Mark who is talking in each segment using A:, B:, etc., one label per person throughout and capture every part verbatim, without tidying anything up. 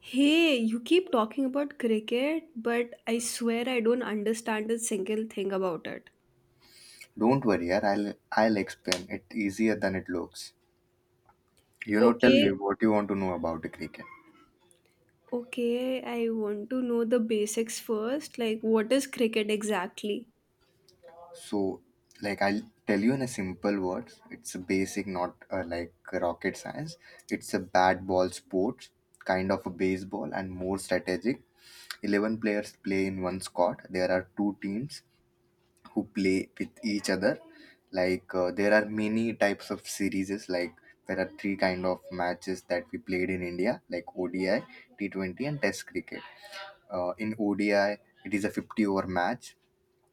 A: Hey, you keep talking about cricket, but I swear I don't understand a single thing about it.
B: Don't worry, yaar, I'll I'll explain it easier than it looks. You know, tell me
A: Okay,
B: what you want to know about the cricket.
A: okay, I want to know the basics first. Like, what is cricket exactly?
B: So, like I'll tell you in a simple words. It's a basic, not uh, like rocket science. It's a bat ball sport, kind of a baseball, and more strategic. Eleven players play in one squad. There are two teams who play with each other, like, uh, there are many types of series, like there are three kind of matches that we played in India, like O D I, T twenty, and test cricket. Uh, in O D I it is a fifty over match.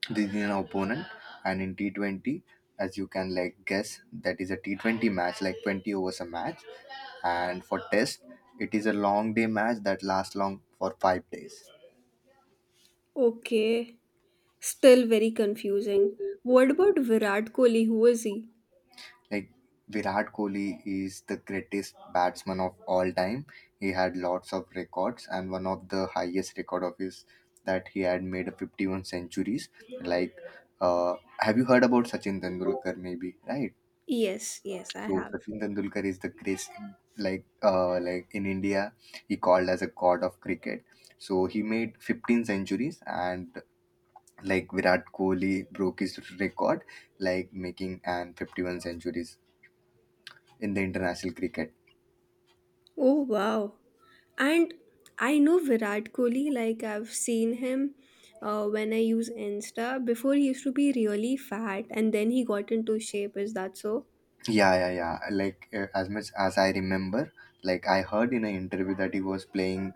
B: This is an opponent. And in T twenty, as you can like guess, that is a T twenty match, like twenty overs a match. And for test, it is a long day match that lasts long for five days.
A: Okay, still very confusing. What about Virat Kohli? Who is he?
B: Like Virat Kohli is the greatest batsman of all time. He had lots of records, and one of the highest record of his that he had made fifty-one centuries. Like, uh, have you heard about Sachin Tendulkar? Maybe, right?
A: Yes, yes, I
B: So
A: have.
B: Sachin Tendulkar is the greatest. Like, uh, like in India, he called as a god of cricket. So he made fifteen centuries and. Like Virat Kohli broke his record, like making and fifty-one centuries in the international cricket.
A: Oh, wow. And I know Virat Kohli, like I've seen him uh, when I use Insta. Before he used to be really fat and then he got into shape. Is that so?
B: Yeah, yeah, yeah. Like, uh, as much as I remember, like I heard in an interview that he was playing,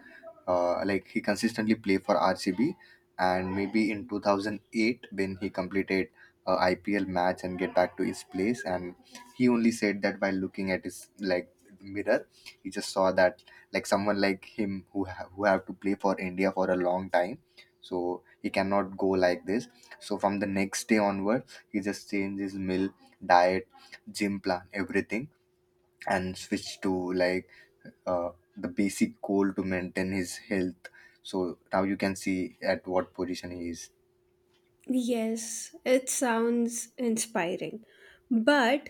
B: uh, like he consistently played for R C B, and maybe in two thousand eight when he completed a I P L match and get back to his place, and he only said that while looking at his like mirror, he just saw that like someone like him who ha- who have to play for India for a long time, so he cannot go like this. So from the next day onward, he just changed his meal diet gym plan, everything, and switch to like, uh, the basic goal to maintain his health. So now you can see at what position he is.
A: Yes, it sounds inspiring. But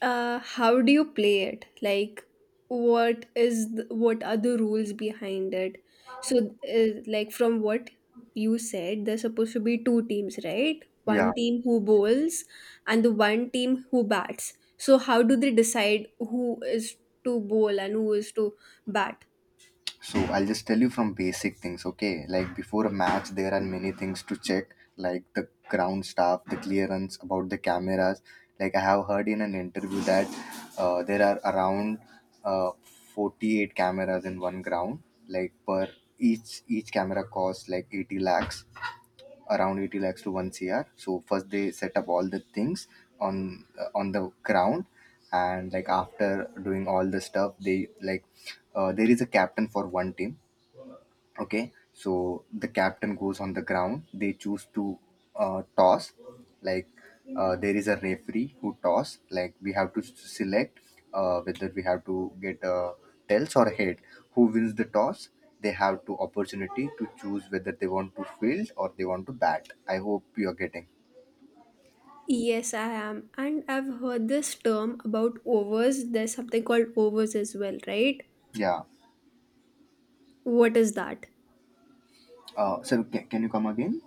A: uh how do you play it? Like, what is th- what are the rules behind it? So, uh, like from what you said, there's supposed to be two teams, right?
B: Yeah.
A: One team who bowls and the one team who bats. So how do they decide who is to bowl and who is to bat?
B: So I'll just tell you from basic things, okay? Like before a match, there are many things to check, like the ground staff, the clearance, about the cameras. Like I have heard in an interview that, uh, there are around, uh, forty-eight cameras in one ground, like per each each camera costs like eighty lakhs, around eighty lakhs to one cr. So first they set up all the things on uh, on the ground, and like after doing all the stuff, they like, uh, there is a captain for one team. Okay, so the captain goes on the ground. They choose to uh, toss. Like, uh, there is a referee who toss. Like we have to s- select, uh, whether we have to get a tails or head. Who wins the toss? They have to opportunity to choose whether they want to field or they want to bat. I hope you are getting.
A: Yes, I am. And I've heard this term about overs. There's something called overs as well, right?
B: Yeah.
A: What is that?
B: Uh, so ca- can you come again?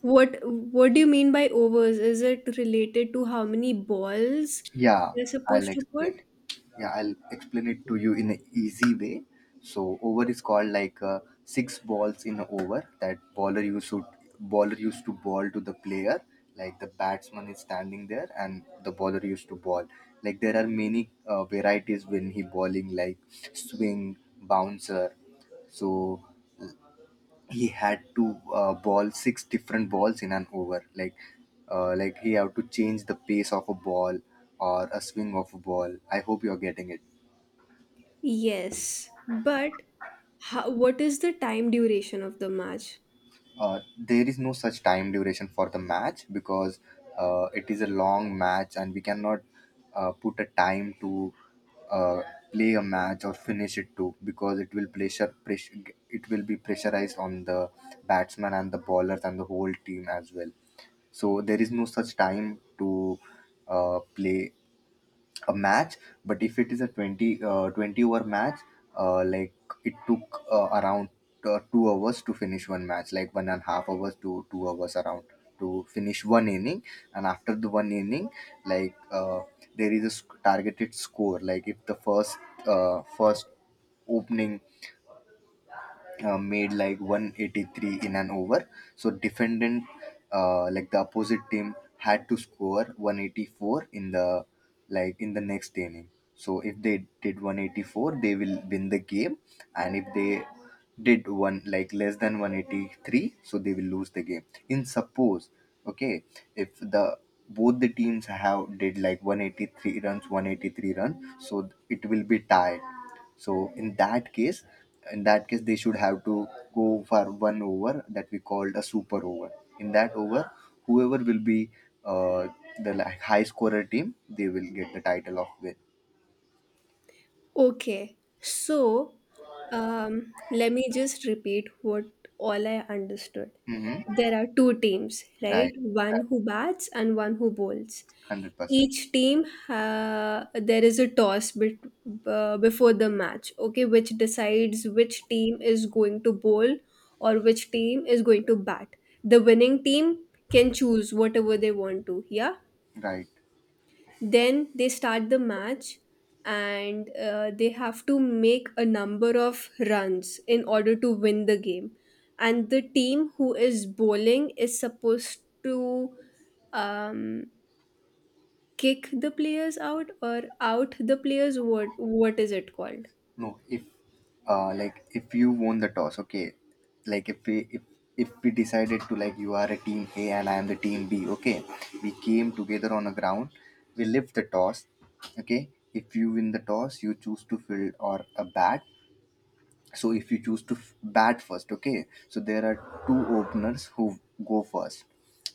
A: What what do you mean by overs? Is it related to how many balls
B: Yeah,
A: they're
B: I'll
A: supposed to
B: explain
A: put?
B: it. Yeah, I'll explain it to you in an easy way. So over is called like, uh, six balls in an over that bowler used to bowler used to ball to the player. Like the batsman is standing there and the bowler used to ball. Like there are many, uh, varieties when he bowling, like swing, bouncer. So he had to, uh, ball six different balls in an over, like, uh, like he have to change the pace of a ball or a swing of a ball. I hope you're getting it.
A: Yes, but how, what is the time duration of the match?
B: Uh, there is no such time duration for the match, because, uh, it is a long match and we cannot, uh, put a time to, uh, play a match or finish it too, because it will pressure, pressure it will be pressurized on the batsman and the bowlers and the whole team as well. So there is no such time to, uh, play a match. But if it is a twenty, uh, twenty over match, uh, like it took, uh, around, uh, two hours to finish one match, like one and a half hours to two hours around, to finish one inning. And after the one inning, like, uh, there is a sc- targeted score, like if the first uh, first opening, uh, made like one hundred eighty-three in an over. So defendant, uh, like the opposite team, had to score one hundred eighty-four in the, like in the next inning. So if they did one hundred eighty-four, they will win the game, and if they did one like less than one hundred eighty-three, so they will lose the game. In suppose, okay, if the both the teams have did like one hundred eighty-three runs, one hundred eighty-three runs, so it will be tied. So in that case, in that case they should have to go for one over that we called a super over. In that over, whoever will be, uh, the, like, high scorer team, they will get the title of win.
A: Okay, so um, let me just repeat what all I understood.
B: Mm-hmm.
A: There are two teams, right?
B: Right.
A: One
B: Right.
A: who bats and one who bowls.
B: hundred percent.
A: Each team, uh, there is a toss bet- uh, before the match, okay, which decides which team is going to bowl or which team is going to bat. The winning team can choose whatever they want to, yeah?
B: Right.
A: Then they start the match, and uh, they have to make a number of runs in order to win the game, and the team who is bowling is supposed to, um, kick the players out, or out the players. what what is it called?
B: No, if, uh like if you won the toss, okay. Like if we if if we decided to, like, you are a team A and I am the team B, okay. We came together on a ground, we lift the toss, okay. If you win the toss, you choose to field or a bat. So if you choose to f- bat first, okay, so there are two openers who go first.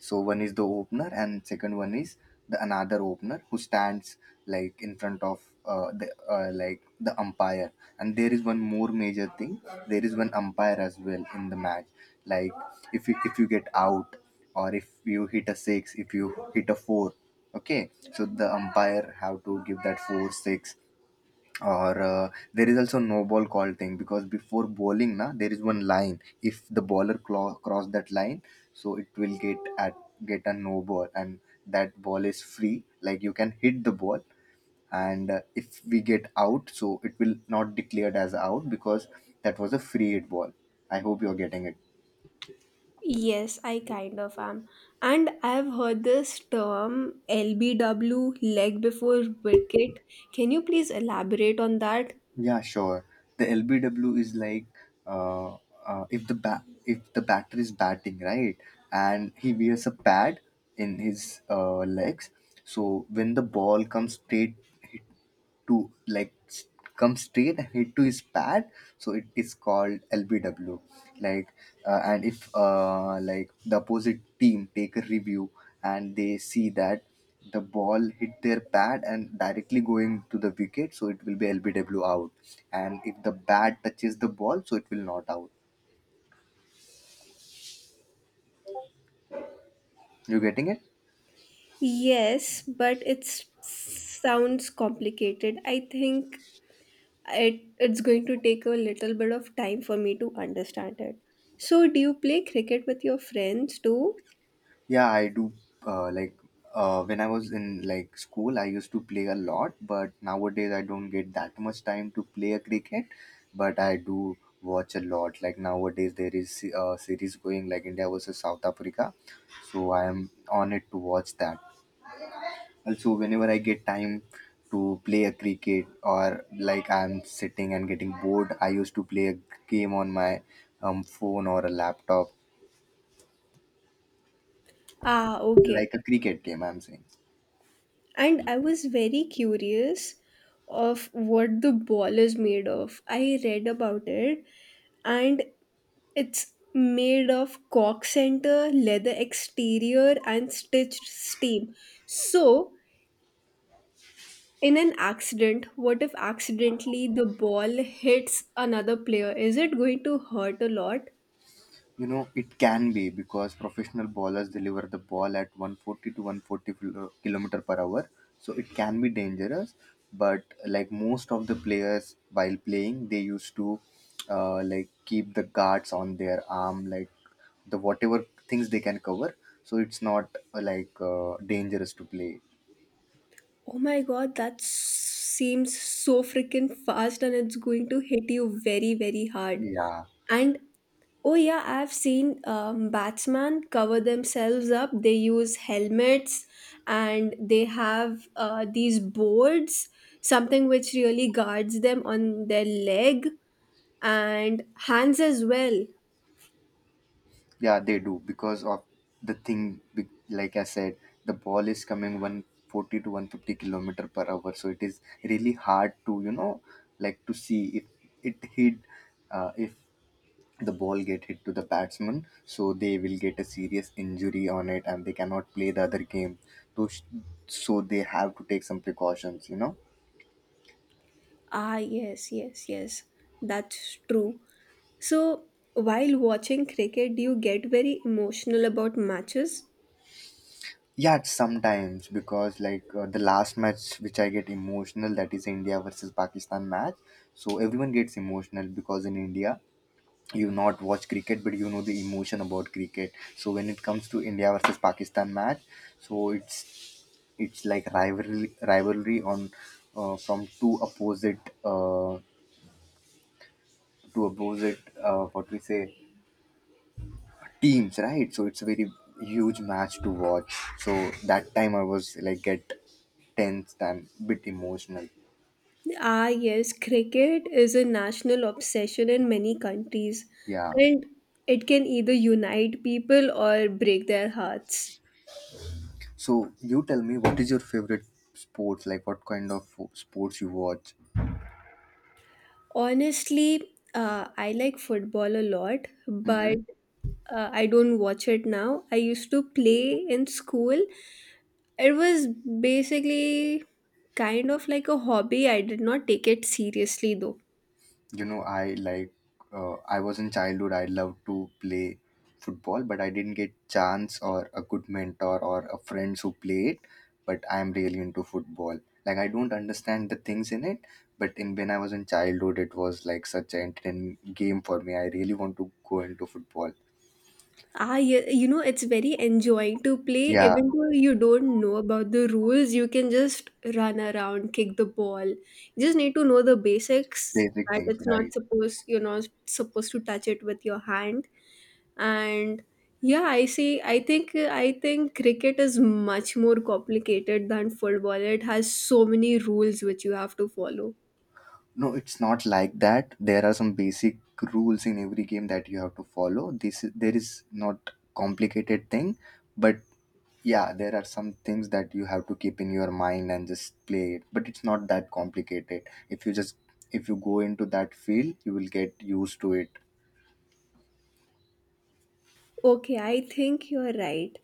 B: So one is the opener and second one is the another opener, who stands like in front of, uh, the, uh, like the umpire. And there is one more major thing. There is one umpire as well in the match. Like if you if you get out, or if you hit a six, if you hit a four, okay, so the umpire have to give that four six. Or, uh, there is also no ball call thing, because before bowling na there is one line, if the bowler clo- cross that line, so it will get at get a no ball, and that ball is free, like you can hit the ball. And, uh, if we get out, so it will not declared as out because that was a free hit ball. I hope you're getting it.
A: Yes, I kind of am. And I've heard this term L B W, leg before wicket. Can you please elaborate on that?
B: Yeah, sure. The L B W is like, uh, uh, if the ba- if the batter is batting, right, and he wears a pad in his, uh, legs, so when the ball comes straight to, like, s- come straight and hit to his pad, so it is called L B W. Like, uh, and if, uh, like, the opposite team take a review, and they see that the ball hit their pad and directly going to the wicket, so it will be L B W out. And if the bat touches the ball, so it will not out. You getting it?
A: Yes, but it sounds complicated. I think it it's going to take a little bit of time for me to understand it. So, do you play cricket with your friends too?
B: Yeah, I do. Uh, like, uh, when I was in like school, I used to play a lot, but nowadays I don't get that much time to play a cricket. But I do watch a lot. Like nowadays, there is a series going, like India versus South Africa, so I am on it to watch that. Also, whenever I get time to play a cricket, or like I'm sitting and getting bored, I used to play a game on my, um, phone or a laptop,
A: Ah, okay.
B: like a cricket game. I'm saying.
A: And I was very curious of what the ball is made of. I read about it, and it's made of cork center, leather exterior and stitched steel. So, in an accident, what if accidentally the ball hits another player? Is it going to hurt a lot?
B: You know, it can be because professional bowlers deliver the ball at one hundred forty to one hundred forty kilo- kilometer per hour. So it can be dangerous. But like most of the players while playing, they used to, uh, like, keep the guards on their arm, like the whatever things they can cover. So it's not, uh, like, uh, dangerous to play.
A: Oh my god, that s- seems so freaking fast, and it's going to hit you very, very hard.
B: Yeah.
A: And oh yeah, I've seen um, batsmen cover themselves up. They use helmets, and they have uh, these boards, something which really guards them on their leg and hands as well.
B: Yeah, they do because of the thing. be- Like I said, the ball is coming one hundred forty to one hundred fifty kilometer per hour, so it is really hard to, you know, like, to see if it hit uh, if the ball get hit to the batsman, so they will get a serious injury on it and they cannot play the other game. So, so they have to take some precautions, you know.
A: Ah, yes, yes, yes. That's true. So, while watching cricket, do you get very emotional about matches?
B: Yeah, it's sometimes because, like, uh, the last match which I get emotional, that is India versus Pakistan match. So everyone gets emotional because in India you not watch cricket but you know the emotion about cricket. So when it comes to India versus Pakistan match, so it's it's like rivalry rivalry on, uh, from two opposite uh, two opposite uh, what we say, teams, right? So it's a very huge match to watch, so that time I was like, get tense and bit emotional.
A: Ah, yes, cricket is a national obsession in many countries,
B: Yeah.
A: and it can either unite people or break their hearts.
B: So you tell me, what is your favorite sports, like what kind of sports you watch?
A: Honestly, uh, I like football a lot,
B: Mm-hmm.
A: but uh, I don't watch it now. I used to play in school. It was basically kind of like a hobby. I did not take it seriously though.
B: You know, I like, uh, I was in childhood, I loved to play football, but I didn't get chance or a good mentor or a friends who played. But I am really into football, like I don't understand the things in it. But in, when I was in childhood, it was like such an entertaining game for me. I really want to go into football.
A: Ah, yeah, you know, it's very enjoying to play,
B: Yeah.
A: even though you don't know about the rules. You can just run around, kick the ball. You just need to know the basics,
B: Basic
A: that
B: things,
A: it's
B: right.
A: not supposed, you're not supposed to touch it with your hand. And yeah, I see. I think I think cricket is much more complicated than football. It has so many rules which you have to follow.
B: No, it's not like that. There are some basic rules in every game that you have to follow. This is- there is not complicated thing. But yeah, there are some things that you have to keep in your mind and just play it, but it's not that complicated. if you just if you go into that field you will get used to it.
A: Okay, I think you're right.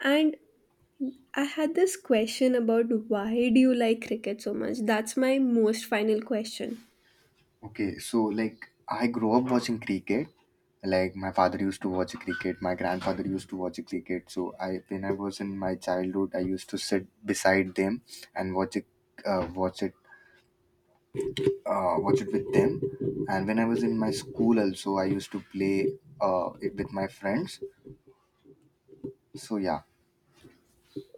A: And I had this question: about why do you like cricket so much? That's my most final question.
B: Okay, so like I grew up watching cricket, like my father used to watch cricket, my grandfather used to watch cricket, so I when I was in my childhood, I used to sit beside them and watch it, uh, watch it uh, watch it with them. And when I was in my school also, I used to play, uh, it with my friends. So yeah.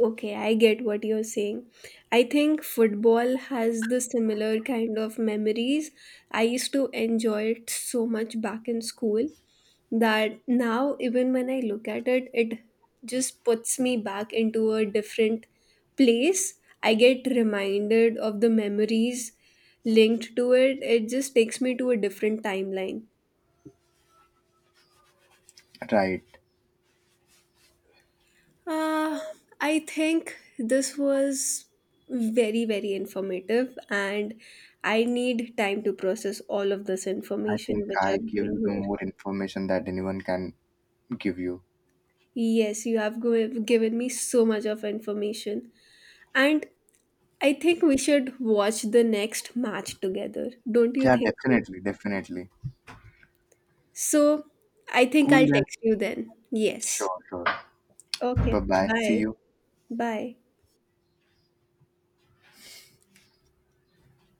A: Okay, I get what you're saying. I think football has the similar kind of memories. I used to enjoy it so much back in school, that now even when I look at it, it just puts me back into a different place. I get reminded of the memories linked to it. It just takes me to a different timeline.
B: Right.
A: uh, I think this was very, very informative, and I need time to process all of this
B: I think
A: information which
B: I
A: I've
B: give
A: gained
B: you the
A: here.
B: more information that anyone can give you.
A: Yes, you have go- given me so much of information. And I think we should watch the next match together. Don't you
B: Yeah,
A: think so?
B: definitely, definitely.
A: So, I think
B: Cool
A: I'll
B: then.
A: text you then. Yes.
B: Sure, sure. Bye
A: Okay.
B: bye. See
A: Bye.
B: you.
A: Bye.